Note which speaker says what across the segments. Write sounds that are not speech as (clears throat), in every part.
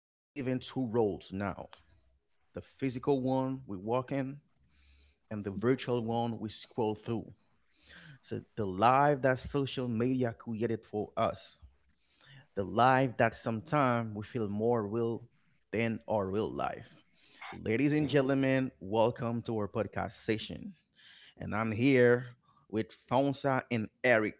Speaker 1: we live in two worlds now, the physical one we walk in, and the virtual one we scroll through. So, the life that social media created for us, the life that sometimes we feel more real than our real life. Ladies and gentlemen, welcome to our podcast session. And I'm here with Fonsa and Eric.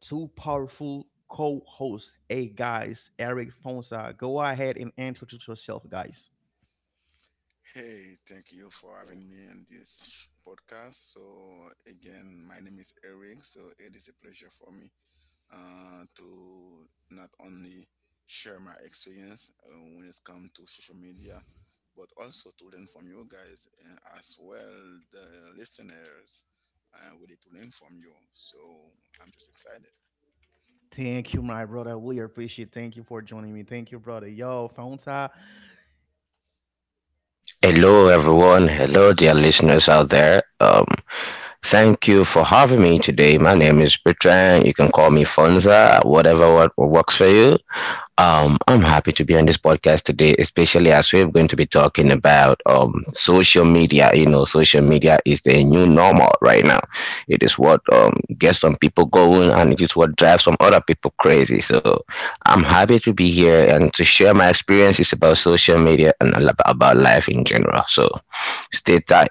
Speaker 1: Two powerful co-hosts. Hey guys, Eric, Fonsa. Go ahead and introduce yourself, guys.
Speaker 2: Hey, thank you for having me on this podcast. So, again, my name is Eric. So, it is a pleasure for me to not only share my experience when it's come to social media, but also to learn from you guys and as well the listeners. We to learn from you. So, I'm just excited.
Speaker 1: Thank you, my brother. We appreciate. Thank you for joining me. Thank you, brother. Yo, Fonsa.
Speaker 3: Hello, everyone. Hello, dear listeners out there. Thank you for having me today. My name is Bertrand. You can call me Fonza, whatever what works for you. I'm happy to be on this podcast today, especially as we're going to be talking about social media. You know, social media is the new normal right now. It is what gets some people going, and it is what drives some other people crazy. So I'm happy to be here and to share my experiences about social media and a lot about life in general. So stay tight.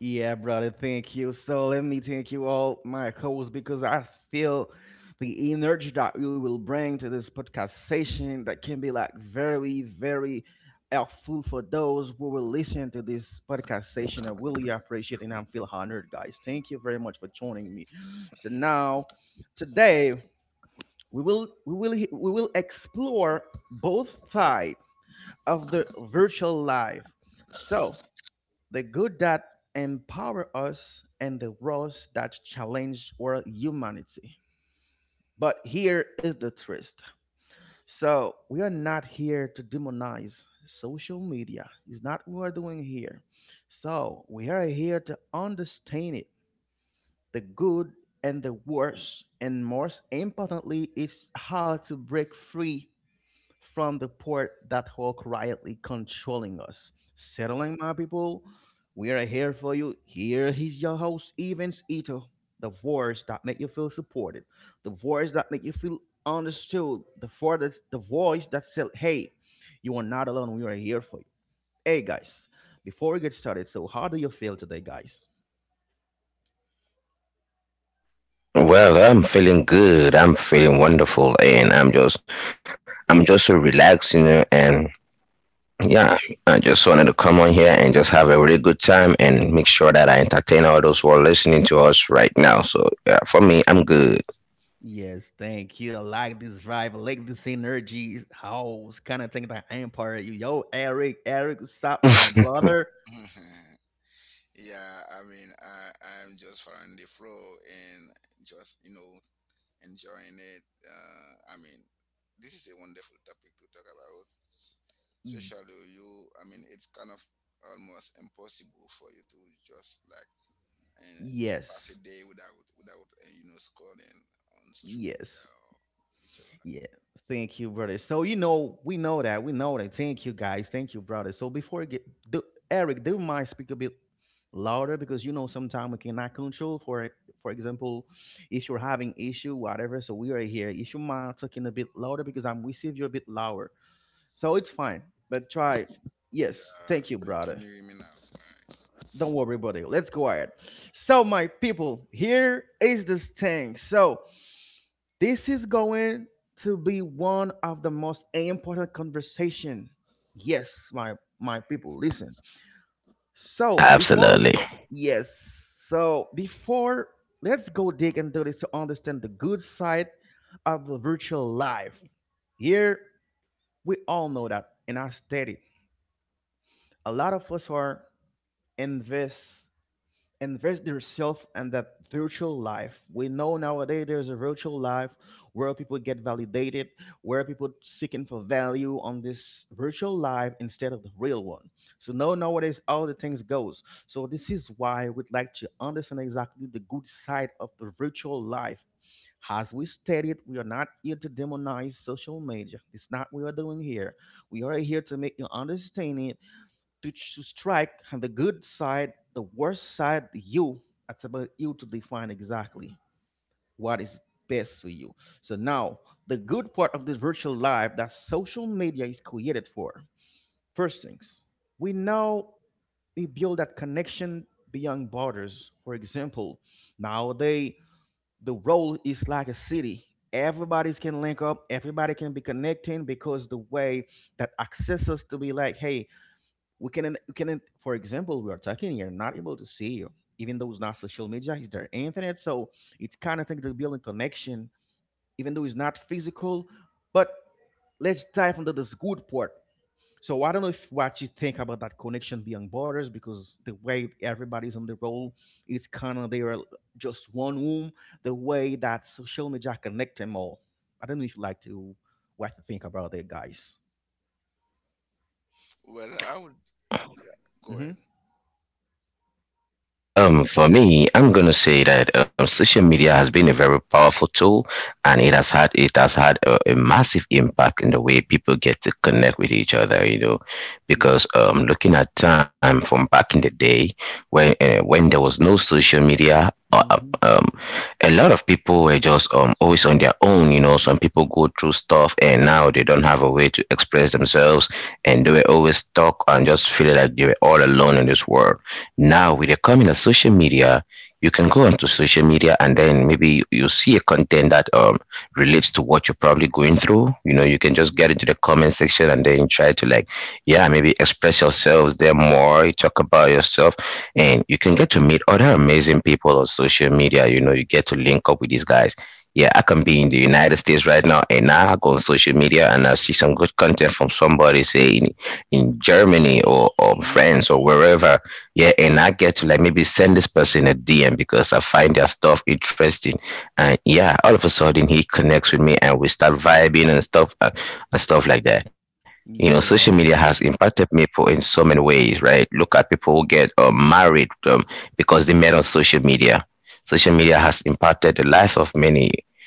Speaker 1: Yeah, brother. Thank you. So let me thank you all, my hosts, because I feel the energy that you will bring to this podcast session that can be like very, very helpful for those who will listen to this podcast session. I really appreciate it and I feel honored, guys. Thank you very much for joining me. So now, today, we will explore both sides of the virtual life. So the good that empower us and the roles that challenge our humanity. But here is the twist. So we are not here to demonize social media. It's not what we're doing here. So we are here to understand it, the good and the worst, and most importantly, it's how to break free from the port that hole quietly controlling us. Settling, my people, we are here for you. Here is your host, Evans Ito. The voice that make you feel supported, the voice that make you feel understood, the for that, the voice that said, "Hey, you are not alone. We are here for you." Hey, guys, before we get started, so how do you feel today, guys?
Speaker 3: Well, I'm feeling good. I'm feeling wonderful, and I'm just so relaxed, you know, and yeah, I just wanted to come on here and just have a really good time and make sure that I entertain all those who are listening to us right now. So, yeah, for me, I'm good.
Speaker 1: Yes, thank you. I like this vibe. I like this energy. It's— oh, it's kind of thing that empire. You, yo, Eric, Eric, what's up, my
Speaker 3: (laughs)
Speaker 1: brother?
Speaker 2: (laughs) Yeah, I mean, I'm just following the flow and just, you know, enjoying it. I mean, this is a wonderful topic to talk about,
Speaker 1: Mm,
Speaker 2: especially you. I mean, it's kind of almost impossible for you to just like uh, pass a
Speaker 1: yes,
Speaker 2: day without you know, scrolling on social media
Speaker 1: yes,
Speaker 2: or virtual life.
Speaker 1: yeah. Thank you, brother. So you know, we know that, we know that. Thank you, guys. Thank you, brother. So before I get, do, Eric, do you mind speak a bit louder because you know sometimes we cannot control. For example, if you're having issue, whatever. So we are here. If you mind talking a bit louder because I'm, we see you a bit louder. So it's fine. But try. Yes,
Speaker 2: Yeah,
Speaker 1: thank you,
Speaker 2: can
Speaker 1: brother.
Speaker 2: you hear me now? Alright.
Speaker 1: Don't worry about it. Let's go ahead. So, my people, here is this thing. So, this is going to be one of the most important conversation. Yes, my people, listen. So before,
Speaker 3: Absolutely.
Speaker 1: yes, so before, let's go dig into this to understand the good side of the virtual life. Here we all know that in our study, a lot of us are invest invest yourself in that virtual life. We know nowadays there's a virtual life where people get validated, where people seeking for value on this virtual life instead of the real one. So no nowadays all the things goes, so this is why we'd like to understand exactly the good side of the virtual life. As we stated, we are not here to demonize social media. It's not what we are doing here. We are here to make you understand it, to strike on the good side, the worst side, you. It's about you to define exactly what is best for you. So now, the good part of this virtual life that social media is created for. First things, we now we build that connection beyond borders. For example, nowadays the world is like a city. Everybody's can link up. Everybody can be connecting because the way that access us to be like, hey, we can, for example, we are talking here, not able to see you, even though it's not social media, it's their internet. So it's kind of thing to building connection, even though it's not physical. But let's dive into this good part. So I don't know if what you think about that connection beyond borders, because the way everybody's on the roll, it's kind of they are just one room, the way that social media connect them all. I don't know if you like to what to think about it, guys.
Speaker 2: Well, I would. Yeah, go ahead.
Speaker 1: Mm-hmm.
Speaker 3: Yeah, for me, I'm gonna say that social media has been a very powerful tool, and it has had a massive impact in the way people get to connect with each other. You know,
Speaker 1: Yeah.
Speaker 3: because looking at time from back in the day when there was no social media
Speaker 1: Mm-hmm.
Speaker 3: a lot of people were just always on their own. You know, some people go through stuff and now they don't have a way to express themselves, and they were always stuck and just feeling like they were all alone in this world. Now with the coming of social media, you can go onto social media and then maybe you see a content that relates to what you're probably going through. You know, you can just get into the comment section and then try to like, yeah, maybe express yourselves there more, you talk about yourself, and you can get to meet other amazing people on social media. You know, you get to link up with these guys. Yeah, I can be in the United States right now and now I go on social media and I see some good content from somebody say in Germany or France or wherever. Yeah, and I get to like maybe send this person a DM because I find their stuff interesting, and yeah, all of a sudden he connects with me and we start vibing and stuff like that. You know, social media
Speaker 1: Hmm.
Speaker 3: has impacted people in so many ways, right? Look at people who get married, because they met on social media. Social media has impacted the lives of many.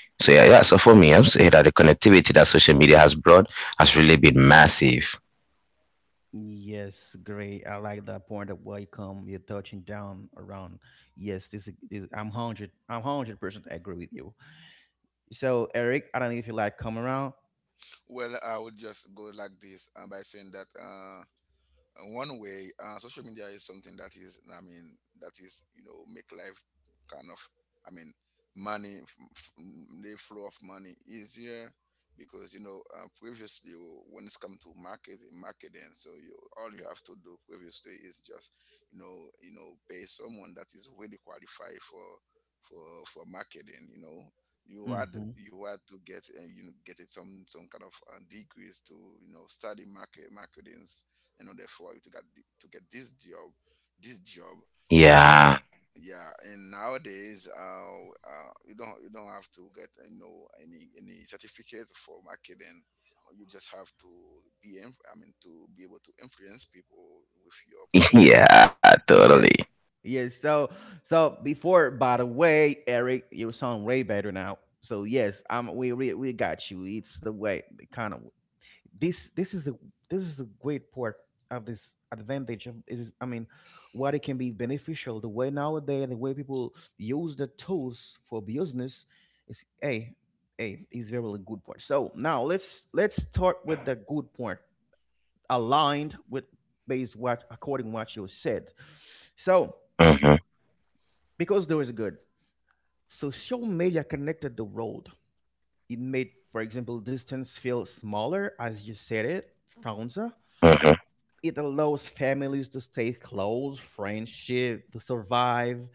Speaker 3: So yeah, so for me, I am saying that the connectivity that social media has brought has really been massive.
Speaker 1: Yes, great. I like that point of welcome. You're touching down around. Yes, this is this, I'm hundred. I'm 100% agree with you. So Eric, I don't know if you like come around.
Speaker 2: Well, I would just go like this by saying that. One way, social media is something that is, I mean, that is, you know, make life kind of, I mean, money, the flow of money easier because, you know, previously when it's come to marketing, so you, all you have to do previously is just, you know, pay someone that is really qualified for, for marketing, you know, you had
Speaker 1: Hmm.
Speaker 2: you had to get you know, get it some kind of degrees to, you know, study marketing in order for you to get to get this job. So
Speaker 3: Yeah.
Speaker 2: yeah, and nowadays, you don't have to get, you know, any certificate for marketing. You just have to be I mean, to be able to influence people with your
Speaker 3: (laughs)
Speaker 2: platform.
Speaker 3: Yeah, totally.
Speaker 1: Yeah. Yes. So so before, by the way, Eric, you sound way better now. So yes, I'm. We got you. It's the way, the kind of. This this is the great part of this advantage of is, I mean, what it can be beneficial, the way nowadays the way people use the tools for business is a is very really good part. So now let's start with the good part aligned with based what according what you said. So
Speaker 3: Mm-hmm,
Speaker 1: because there is good, social media connected the world. It made, for example, distance feel smaller as you said it, Franza.
Speaker 3: mm-hmm.
Speaker 1: It allows families to stay close, friendship to survive,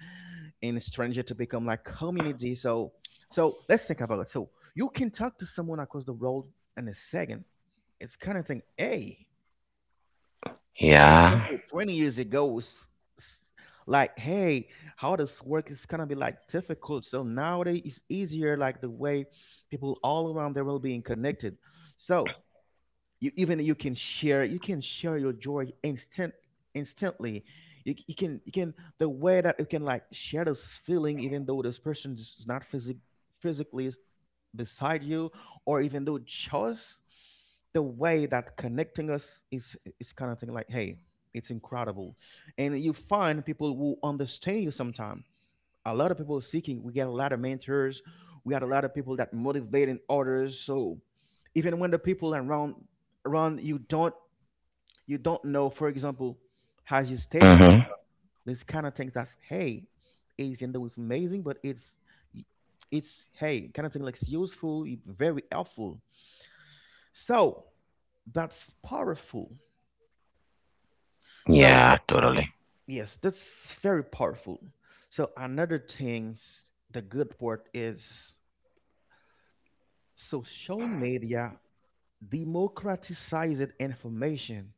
Speaker 1: and stranger to become like community. So, so let's think about it. So you can talk to someone across the road in a second. It's kind of thing. Hey, for
Speaker 3: Yeah.
Speaker 1: example, 20 years ago, s- s- like hey, how this work is gonna be like difficult. So nowadays it's easier, like the way people all around the world being connected. So you even you can share, you can share your joy instant instantly. You, you can the way that you can like share this feeling even though this person is not physic, physically s- beside you, or even though just the way that connecting us is kind of thing like hey, it's incredible. And you find people who understand you sometimes. A lot of people seeking. We get a lot of mentors. We got a lot of people that motivating others. So even when the people around you don't, you don't know, for example, as you stated from
Speaker 3: Mm-hmm.
Speaker 1: the— this kind of things that's hey, even though it's amazing, but it's hey, kind of thing like it's useful, it's very helpful. So that's powerful. So
Speaker 3: Yeah, totally.
Speaker 1: yes, that's very powerful. So another things, the good part is social media democratized information.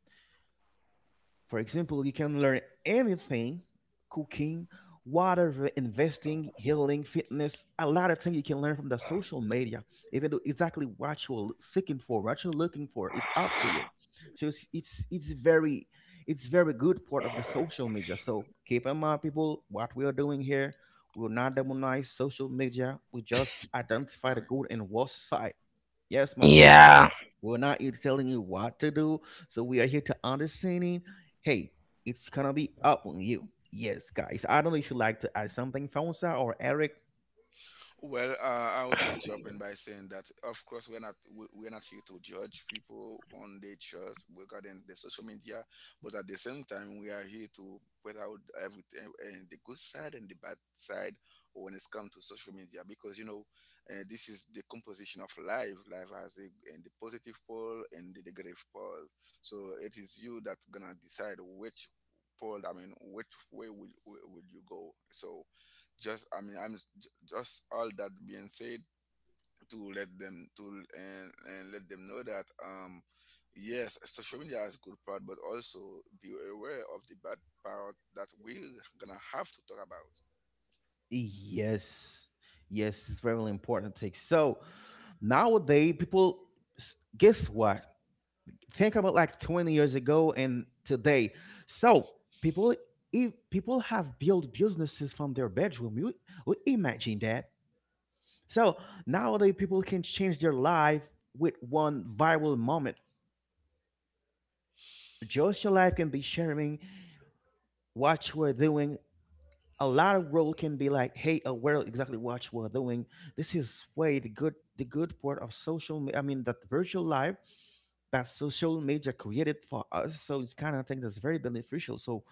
Speaker 1: For example, you can learn anything: cooking, whatever, investing, healing, fitness, a lot of things you can learn from the social media, even though exactly what you're seeking for, what you're looking for, it's up to you. So it's very, it's very good part of the social media. So keep in mind, people, what we are doing here, we will not demonize social media. We just identify the
Speaker 2: Sorry.
Speaker 1: good and worst side. Yes, my people.
Speaker 3: Yeah.
Speaker 1: We're not here telling you what to do. So we are here to understanding. Hey, it's gonna be up on you. Yes, guys. I don't know if you like to add something, Fonsa or Eric.
Speaker 2: Well, I will just jump in by saying that, of course, we're not here to judge people on their choice regarding the social media, but at the same time, we are here to point out everything and the good side and the bad side when it's come to social media, because you know, this is the composition of life. Life has a and the positive pole and the negative pole, so it is you that gonna decide which pole. I mean, which way will you go? So just, I mean, just all that being said to let them to and, let them know that, um, yes, social media has good part, but also be aware of the bad part that we're gonna have to talk about.
Speaker 1: Yes, yes, it's very important thing. So nowadays, people
Speaker 3: Yeah.
Speaker 1: s- guess what? Think about like 20 years ago and today. So people, if people have built businesses from their bedroom, you imagine that. So nowadays, people can change their life with one viral moment.
Speaker 3: Yeah.
Speaker 1: Just your life can
Speaker 3: That
Speaker 1: be
Speaker 3: is so
Speaker 1: sharing
Speaker 3: true.
Speaker 1: what you are doing. A lot of role can be like, hey, aware exactly what you are doing. This is way the good part of social. Me— I mean that virtual life that social media created for us. So it's kind of thing that's very beneficial. So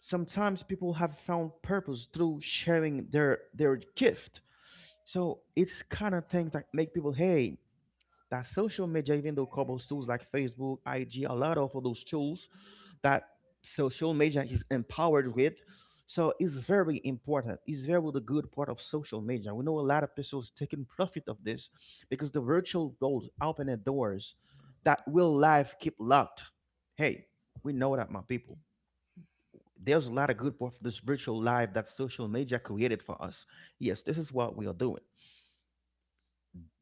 Speaker 1: sometimes people have found purpose through sharing their gift. So it's kind of things that make people, hey, that social media, even though covers tools like Facebook, IG, a lot of those tools that social media is empowered with. So it's very important. It's very the good part of social media. We know a lot of people taking profit of this because the virtual
Speaker 3: Mm-hmm.
Speaker 1: world opening doors that will life keep locked. Hey, we know that, my people. There's a lot of good part of this virtual life that social media created for us. Yes, this is what we are doing.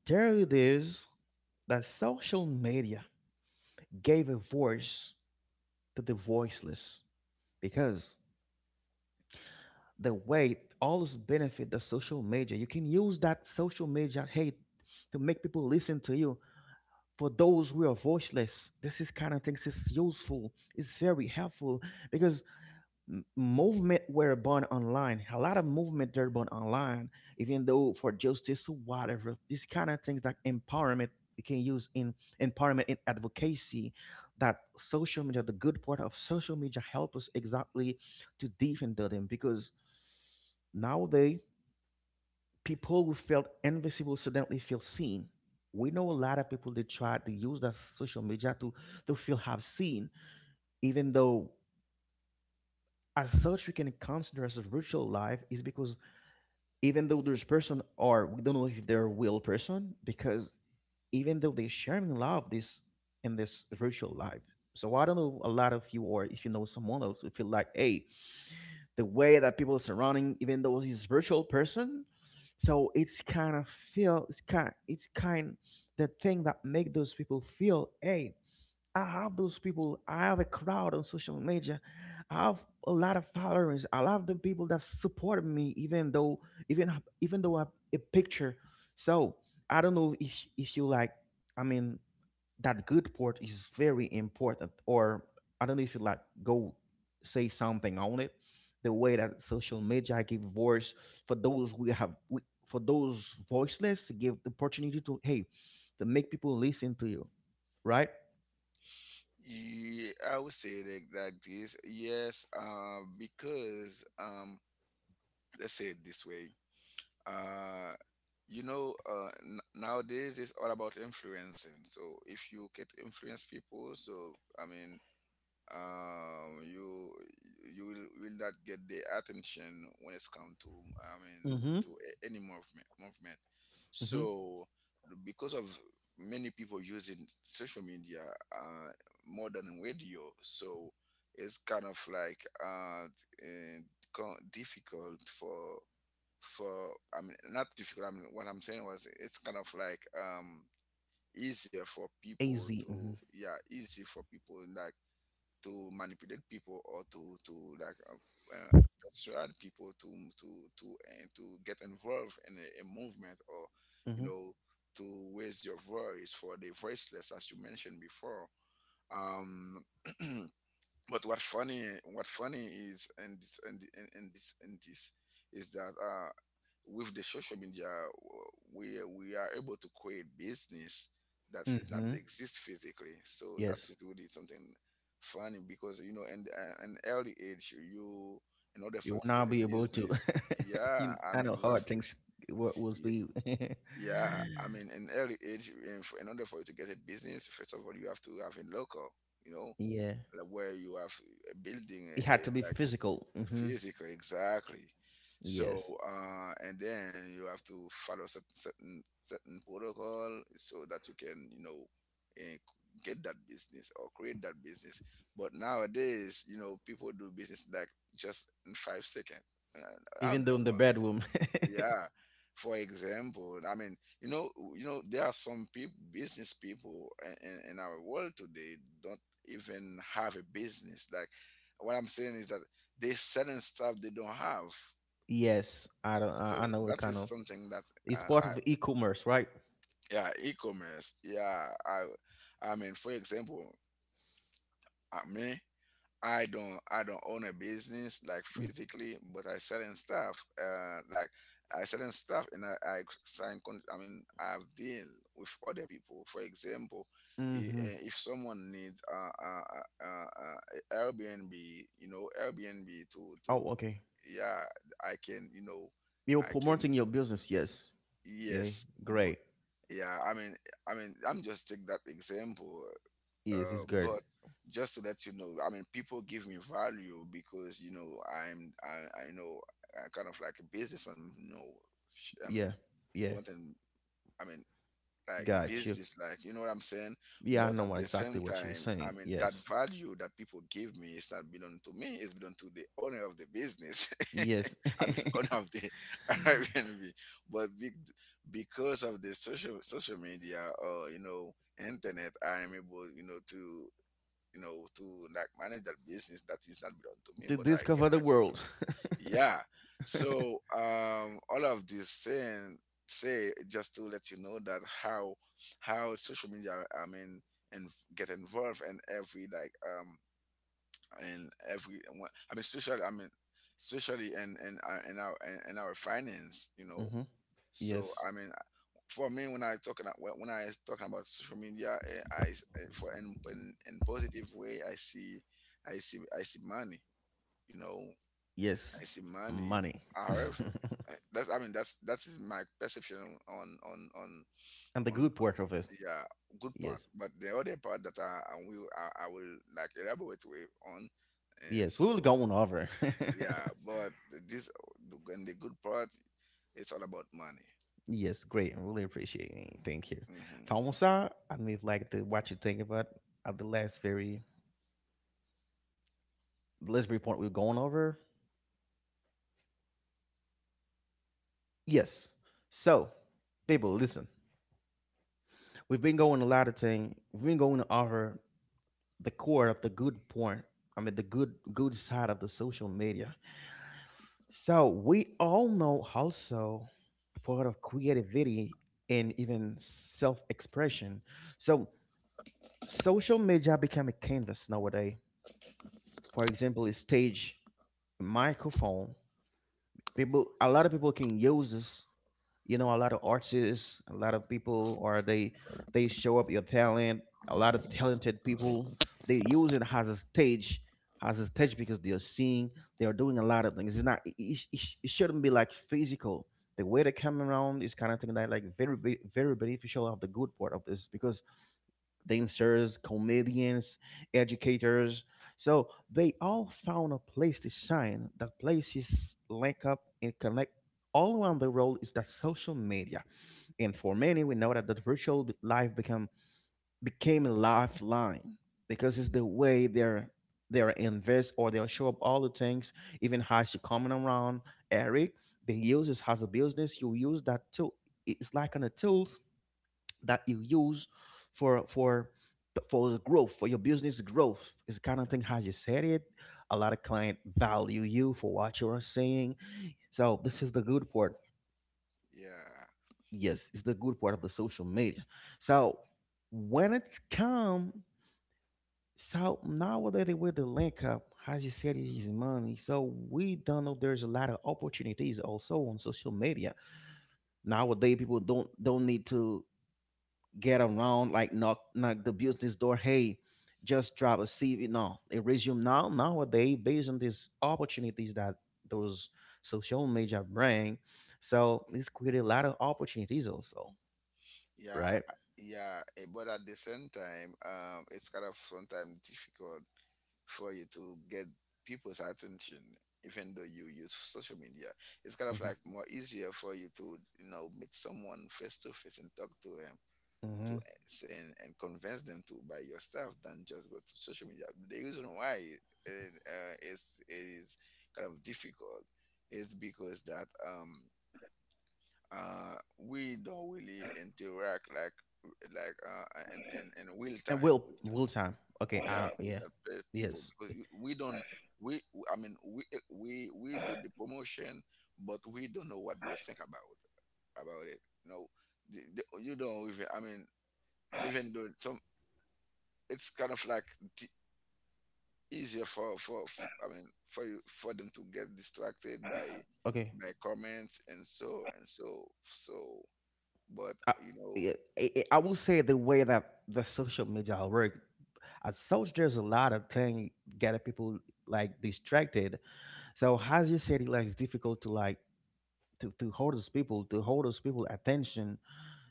Speaker 1: There it
Speaker 3: Right.
Speaker 1: is that social media gave a voice to the voiceless because the way all this benefit the social media, you can use that social media hate to make people listen to you. For those who are voiceless, this is kind of things is useful, it's very helpful. Because m- movement were born online. A lot of movement they're born online, even though for justice or whatever. These kind of things that empowerment, you can use in empowerment in advocacy. That social media, the good part of social media, help us exactly to defend them because nowadays people who felt invisible suddenly feel seen. We know a lot of people that try to use that social media to feel have seen, even though as such we can consider as a virtual life is because even though there's person or we don't know if they're a real person because even though they sharing love
Speaker 3: Yeah.
Speaker 1: this in this virtual life. So I don't know a lot of you or if you know someone else who feel like, hey, the way that people surrounding, even though he's virtual person. So it's kind of feel, it's kind the thing that make those people feel, hey, I have those people. I have a crowd on social media. I have a lot of followers. I love the people that support me, even though even even though I have a picture. So I don't know if you like. I mean, that good part is very important. Or I don't know if you like go say something on it. The way that social media give voice for those we have we, for those voiceless, give the opportunity to, hey, to make people listen to you, right?
Speaker 3: Yeah.
Speaker 2: Yeah, I
Speaker 3: Yeah.
Speaker 2: would say like this, yes, uh, because, um, let's say it this way. Uh, you know, nowadays it's all about influencing. So if you can influence people, so I mean, um, you will not get the attention when it's come to, I mean,
Speaker 1: Hmm.
Speaker 2: to any movement. So
Speaker 3: Mhm.
Speaker 2: because of many people using social media, uh more than radio, so it's kind of like, uh eh, difficult for for I mean, not difficult. I mean, what I'm saying was it's kind of like, um, easier for people
Speaker 1: AZ. Mm-hmm.
Speaker 2: to, yeah, easy for people like to manipulate people or to like, persuade people to to and to get involved in a movement or, you
Speaker 1: Mm-hmm.
Speaker 2: know, to raise your voice for the voiceless, as you mentioned before. Um, (clears throat) but what funny, what funny is in this, in, the- in this is that, uh, with the social media, w- we we are able to create business that is not
Speaker 1: Mm-hmm.
Speaker 2: exist physically. So that
Speaker 1: Yes.
Speaker 2: is really something funny, because you know, and, an early age you, in order
Speaker 1: You
Speaker 2: for you
Speaker 1: will
Speaker 2: to get
Speaker 1: not
Speaker 2: a
Speaker 1: be able to.
Speaker 2: business,
Speaker 1: (laughs)
Speaker 2: yeah,
Speaker 1: You,
Speaker 2: I
Speaker 1: I
Speaker 2: mean,
Speaker 1: know
Speaker 2: we
Speaker 3: Yeah.
Speaker 2: have
Speaker 1: hard
Speaker 2: to,
Speaker 1: things what was
Speaker 2: y-
Speaker 1: be. (laughs) Yeah.
Speaker 2: yeah, I mean, in early age, in order for you to get a business, first of all, you have to have a local, you know, like where you have a
Speaker 3: Mhm.
Speaker 2: building,
Speaker 1: It had to be
Speaker 2: like
Speaker 1: physical. Mm-hmm.
Speaker 2: physical, exactly. So,
Speaker 1: Yes.
Speaker 2: and then you have to follow certain certain protocol so that you can, you know, eh, get that business or create that business. But nowadays, you know, people do business like just in 5 seconds. And I don't
Speaker 1: Even
Speaker 2: know.
Speaker 1: though in the bedroom.
Speaker 2: Yeah. For
Speaker 3: Yeah.
Speaker 2: example, I mean, you know, there are some people, business people in, in our world today, don't even have a business. Like what I'm saying is that they selling stuff they don't have.
Speaker 1: (laughs) Yes. I don't. I
Speaker 2: So
Speaker 1: know it
Speaker 2: that is
Speaker 1: kind of.
Speaker 2: something that,
Speaker 1: It's
Speaker 2: uh,
Speaker 1: part
Speaker 2: I,
Speaker 1: of e-commerce,
Speaker 3: (laughs)
Speaker 1: right?
Speaker 2: yeah,
Speaker 3: Yeah.
Speaker 2: e-commerce. Yeah,
Speaker 3: Yeah.
Speaker 2: I
Speaker 3: Dropship.
Speaker 2: mean, for
Speaker 3: Yeah.
Speaker 2: example, me, I don't own a business like physically, but I selling stuff. Like I selling stuff, and I sign. I mean, I've deal with other people. For example,
Speaker 1: Mm-hmm.
Speaker 2: if someone needs, uh, uh, uh, Airbnb, you know, Airbnb to,
Speaker 1: Oh, okay.
Speaker 2: yeah, I can, you know,
Speaker 1: You're
Speaker 2: I can
Speaker 1: promoting your business. Yes. Yeah.
Speaker 2: yes, but
Speaker 1: Great.
Speaker 2: yeah. I mean, I'm just take that example.
Speaker 1: Yes. It's good.
Speaker 2: But
Speaker 3: Mhm.
Speaker 2: just to let you know, I mean, people give me value because you know, I know I'm kind of like a businessman. You know, I mean,
Speaker 1: Yeah.
Speaker 2: for
Speaker 1: Yeah.
Speaker 2: one thing, I mean, like
Speaker 1: Got you.
Speaker 2: business, like you know what I'm saying.
Speaker 1: Yeah. I
Speaker 2: But
Speaker 1: know
Speaker 2: at the
Speaker 3: Yeah.
Speaker 2: same
Speaker 1: exactly what you were
Speaker 2: time, I
Speaker 1: saying.
Speaker 2: mean,
Speaker 1: Yes.
Speaker 2: that value that people give me is not belong to me. It's belong to the owner of the business.
Speaker 1: Yes.
Speaker 2: (laughs) I mean,
Speaker 1: (laughs)
Speaker 2: owner of the (laughs)
Speaker 3: Totally.
Speaker 2: Airbnb.
Speaker 3: Totally.
Speaker 2: But big, because of the social media, or you know, internet, I am able, you know, to, you know, to like manage that business that is not belong to me,
Speaker 1: To
Speaker 2: but I get
Speaker 1: discover
Speaker 2: my,
Speaker 1: the world.
Speaker 2: yeah.
Speaker 1: (laughs)
Speaker 3: Mhm.
Speaker 2: So, all of this saying say just to let you know that how social media, I mean, and get involved in every, like, um, in every I mean, especially, I mean, especially in our in our in our finance, you know.
Speaker 1: Hmm.
Speaker 2: So
Speaker 1: Yes.
Speaker 2: I mean, for me, when I talking about, when I talking about social media, for in, in positive way, I see, I see money. You know,
Speaker 1: Yes,
Speaker 2: I see money.
Speaker 1: money.
Speaker 3: Mhm.
Speaker 1: (laughs)
Speaker 2: However, that's, I mean, that is my perception on
Speaker 1: And the
Speaker 2: on,
Speaker 1: good part of it.
Speaker 2: yeah, good
Speaker 1: Yes.
Speaker 2: part. But the other part that I will, I will like elaborate with on. And
Speaker 1: Yes, we
Speaker 2: so
Speaker 1: will go on over. (laughs)
Speaker 2: yeah, but this and the good part, it's all about money.
Speaker 1: Yes, great. I really appreciate
Speaker 3: Yeah.
Speaker 1: it. Thank you.
Speaker 2: Hmm.
Speaker 1: Famosa, I mean, like the, what you think about at
Speaker 3: Okay. Um,
Speaker 1: the
Speaker 3: for
Speaker 1: last very point
Speaker 3: me,
Speaker 1: we're
Speaker 3: I would
Speaker 1: going
Speaker 3: say.
Speaker 1: over.
Speaker 3: Yeah. Yeah. Um, I really love what Eric said because he
Speaker 1: Yes.
Speaker 3: actually touched.
Speaker 1: So,
Speaker 3: He actually
Speaker 1: people,
Speaker 3: touched
Speaker 1: listen.
Speaker 3: most of the main points. The main
Speaker 1: We've been
Speaker 3: points
Speaker 1: going
Speaker 3: about
Speaker 1: a lot of
Speaker 3: social
Speaker 1: things.
Speaker 3: media.
Speaker 1: We've been going over the core of the good point. I mean, the good side of the social media. So we all know also the part of creativity and even self-expression. So social media become a canvas nowadays. For example, a stage, a microphone. People, a lot of people can use this. A lot of artists, a lot of people, or they show up your talent. A lot of talented people, they use it as a stage, as a stage because they're seeing, they're doing a lot of things. It's not It shouldn't be like physical. The way they come around is kind of thing that like very beneficial of the good part of this because
Speaker 3: Mhm.
Speaker 1: dancers, comedians, educators. So they all found a place to shine. That place is link up and connect all around the world is that social media. And for many, we know that the virtual life become became a lifeline because it's the way they're invest or they'll show up all the things, even how she coming around, Eric. They use this as a business. You use that too. It's like on a tool that you use for for for the growth for your business growth, is the kind of thing how you said it. A lot of client value you for what you are saying. So this is the good part.
Speaker 2: Yeah.
Speaker 1: Yes, it's the good part of the social media. So when it's come, so nowadays they with the link up as you said, it is money. So we don't know there's a lot of opportunities also on social media. Nowadays people don't need to get around, like knock the business door. Hey, just drop a CV. No, they resume now. Nowadays, based on these opportunities that those social media bring, so it's created a lot of opportunities also,
Speaker 2: Yeah,
Speaker 1: right?
Speaker 2: yeah, but at the same time, it's kind of sometimes difficult for you to get people's attention, even though you use social media. It's kind of
Speaker 1: Hmm.
Speaker 2: like more easier for you to, you know, meet someone face to face and talk to them to,
Speaker 1: Hmm.
Speaker 2: and convince them to buy your stuff than just go to social media. The reason why it is kind of difficult is because that, um, we don't really interact like in, in real
Speaker 1: And
Speaker 2: time
Speaker 1: will
Speaker 2: with,
Speaker 1: will time. Okay.
Speaker 2: yeah, with
Speaker 1: Yeah.
Speaker 2: the people,
Speaker 1: Yes.
Speaker 2: because you- we don't we I mean, we do the promotion, but we don't know what they think about it, you know. You don't even, I mean, even though it's some, it's kind of like t- easier for, f I mean, for you, for them to get distracted
Speaker 1: Okay.
Speaker 2: by comments and so and so. So but
Speaker 1: I,
Speaker 2: you know,
Speaker 1: yeah, I will say the way that the social media work, as such, there's a lot of thing getting people like distracted. So as you said, like it's difficult to like to hold those people, attention.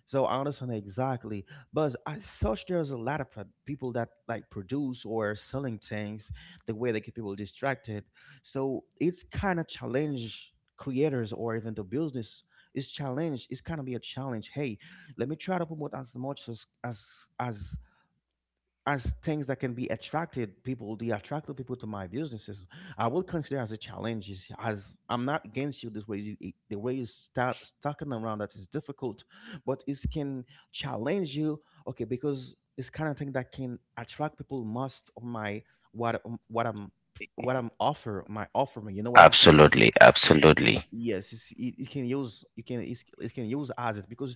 Speaker 1: So I understand exactly. But as such there's a lot of people that like produce or selling things the way they keep people distracted. So it's kind of challenge creators or even the business is challenge, it's kind of be a challenge, hey, let me try to promote as much as as things that can be attracted people, to my businesses. I would consider as a challenge is as I'm not against you. This way the way you start stalking around that is difficult. But it can challenge you, okay, because it's kind of thing that can attract people most of my, what I what i'm what I'm offer my offering. You know what I'm saying?
Speaker 3: Absolutely. Absolutely.
Speaker 1: Yes, it can use. You can, it can use as it because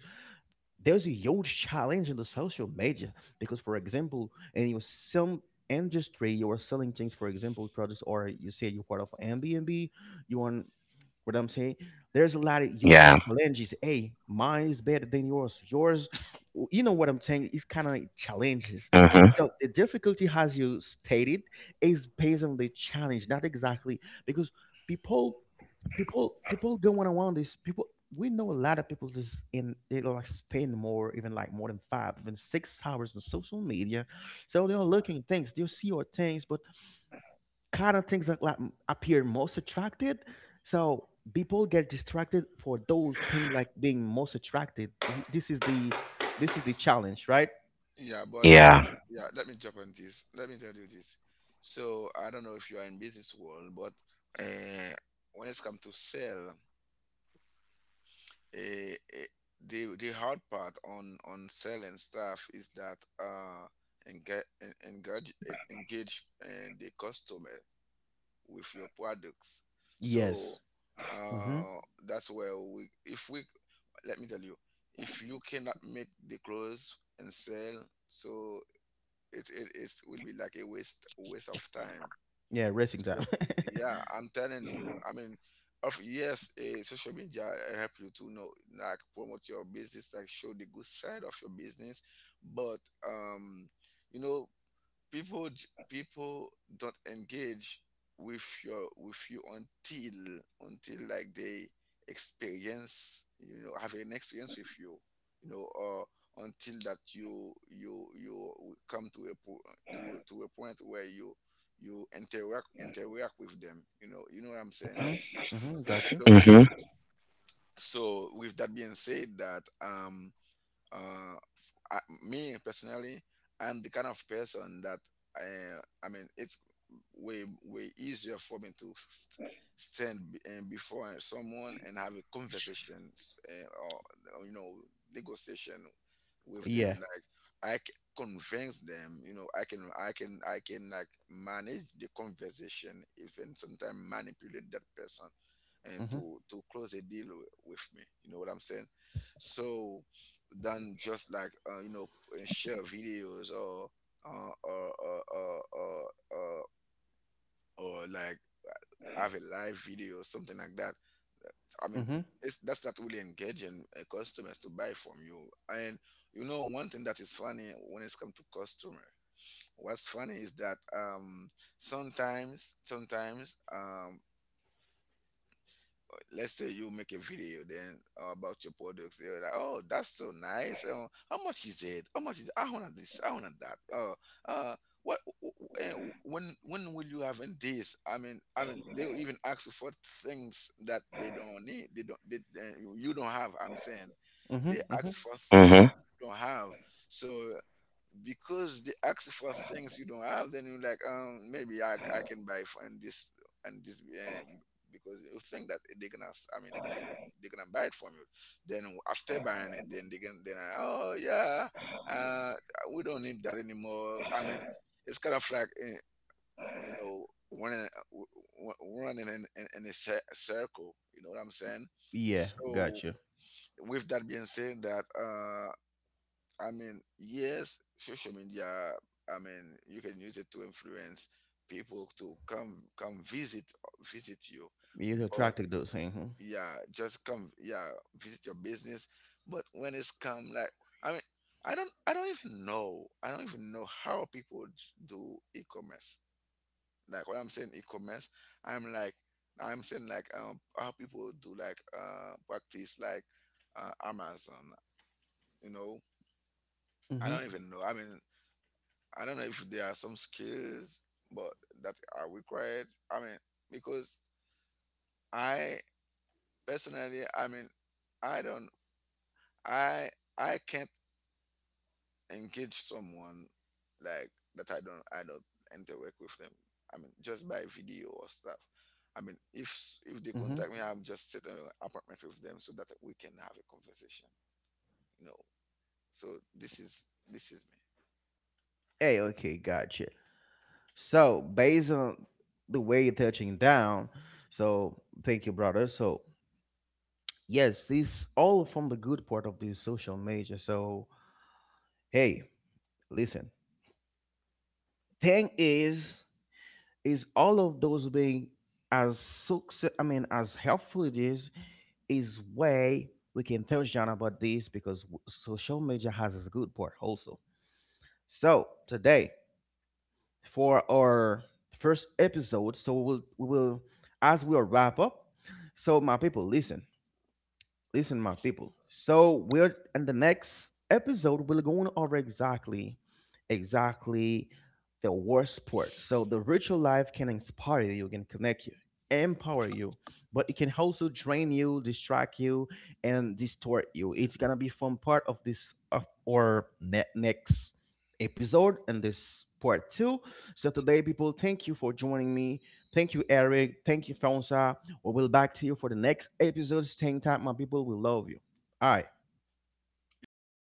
Speaker 1: there's a huge challenge in the social media because for example in your some industry you are selling things, for example products, or you say you're part of Airbnb. You are, what I'm saying, there's a lot of huge
Speaker 3: Yeah.
Speaker 1: challenges. Hey, mine is better than yours. Yours, you know what I'm saying? It's kind of challenges.
Speaker 3: Mhm.
Speaker 1: So the difficulty, as you stated, is based on the challenge, not exactly because people, going around this. People, we know a lot of people just in they like spend more, even like more than 5, even 6 hours on social media. So they're looking things, they'll see your things, but kind of things that like appear most attracted. So people get distracted for those things like being most attracted. This is the challenge, right?
Speaker 2: yeah, but
Speaker 3: Yeah.
Speaker 2: yeah, let me jump on this. Let me tell you this. So I don't know if you are in business world, but, uh, when it's come to sell, uh, the hard part on selling stuff is that, uh, engage engage, the customer with your products. So,
Speaker 1: Yes. Mm-hmm.
Speaker 2: uh that's where we if we, let me tell you, if you cannot make the clothes and sell, so it is will be like a waste of time.
Speaker 1: Yeah, racing
Speaker 2: So
Speaker 1: time. (laughs)
Speaker 2: yeah, I'm telling you. I mean, of yes, social media help you to know, like, promote your business, like show the good side of your business, but, um, you know, people don't engage with you until like they experience, you know, have an experience with you, you know, or until that you come to a to to a point where you interact with them, you know, you know what I'm saying.
Speaker 1: Mm-hmm. Mm-hmm. Got you.
Speaker 2: So
Speaker 1: Hmm.
Speaker 3: Mhm.
Speaker 2: so, with that being said that, um, uh f- I, me personally, I'm the kind of person that, I mean, it's way easier for me to stand and before, someone and have a conversation, or, you know, negotiation with
Speaker 1: Yeah.
Speaker 2: them, like convince them, you know, I can like manage the conversation, even sometimes manipulate that person and
Speaker 1: Mm-hmm.
Speaker 2: to close a deal with me, you know what I'm saying. So, than just like, you know, share videos or, uh, or, or, or, or, or like have a live video or something like that. I mean,
Speaker 1: Mm-hmm.
Speaker 2: it's that's not really engaging, customers to buy from you. And you know, one thing that is funny when it's come to customer, what's funny is that, sometimes, let's say you make a video then, about your products. They're like, oh, that's so nice. How much is it? How much is it? I want this. I want that. Uh, what? When? When will you have in this? I mean, they'll even ask you for things that they don't need. They don't. They, eh, you don't have. I'm saying,
Speaker 1: Mm-hmm.
Speaker 2: they ask
Speaker 1: Mm-hmm.
Speaker 2: for things that you don't have. So because they ask for things you don't have, then you're like, um, maybe, I can buy for and this and this, because you think that they're gonna, they, they're gonna buy it from you. Then after buying it, then they can then I, oh, yeah, uh we don't need that anymore. I mean, it's kind of like, you know, running, running in, in a circle, you know what I'm saying.
Speaker 1: Yeah,
Speaker 2: So
Speaker 1: got you.
Speaker 2: with that being said that, uh, I mean, yes, social media. I mean, you can use it to influence people to come come visit visit you,
Speaker 1: You're
Speaker 2: but
Speaker 1: attracted to those things. Mm-hmm.
Speaker 2: yeah, just come, yeah, visit your business. But when it's come like, I mean, I don't even know, how people do e-commerce. Like when I'm saying e-commerce, I'm like I'm saying like, um, how people do like, uh, practice like, Amazon. You know, I
Speaker 1: Mm-hmm.
Speaker 2: don't even know. I mean, I don't know if there are some skills, but that are required. I mean, because I personally, I mean, I don't, I, I can't engage someone like that. I don't interact with them. I mean, just by video or stuff. I mean, if they
Speaker 1: Mm-hmm.
Speaker 2: contact me, I'm just set an appointment with them so that we can have a conversation. You know. So this is me.
Speaker 1: Hey, okay, gotcha. So based on the way you're touching down, so thank you, brother. So yes, this all from the good part of this social media. So hey, listen. Thing is all of those being as success. I mean, as helpful it is way we can tell John about this because social media has its good part also. So today for our first episode, so we will as we'll wrap up. So my people, Listen, my people. So we're in the next episode. We're going over exactly, exactly the worst part. So the virtual life can inspire you, can connect you, empower you, but it can also drain you, distract you, and distort you. It's gonna be fun part of this of our next episode and this part two. So today, people, thank you for joining me. Thank you, Eric. Thank you, Fonsa. We'll back to you for the next episode. Staying tight, my people. We love you. All right.
Speaker 2: Yes.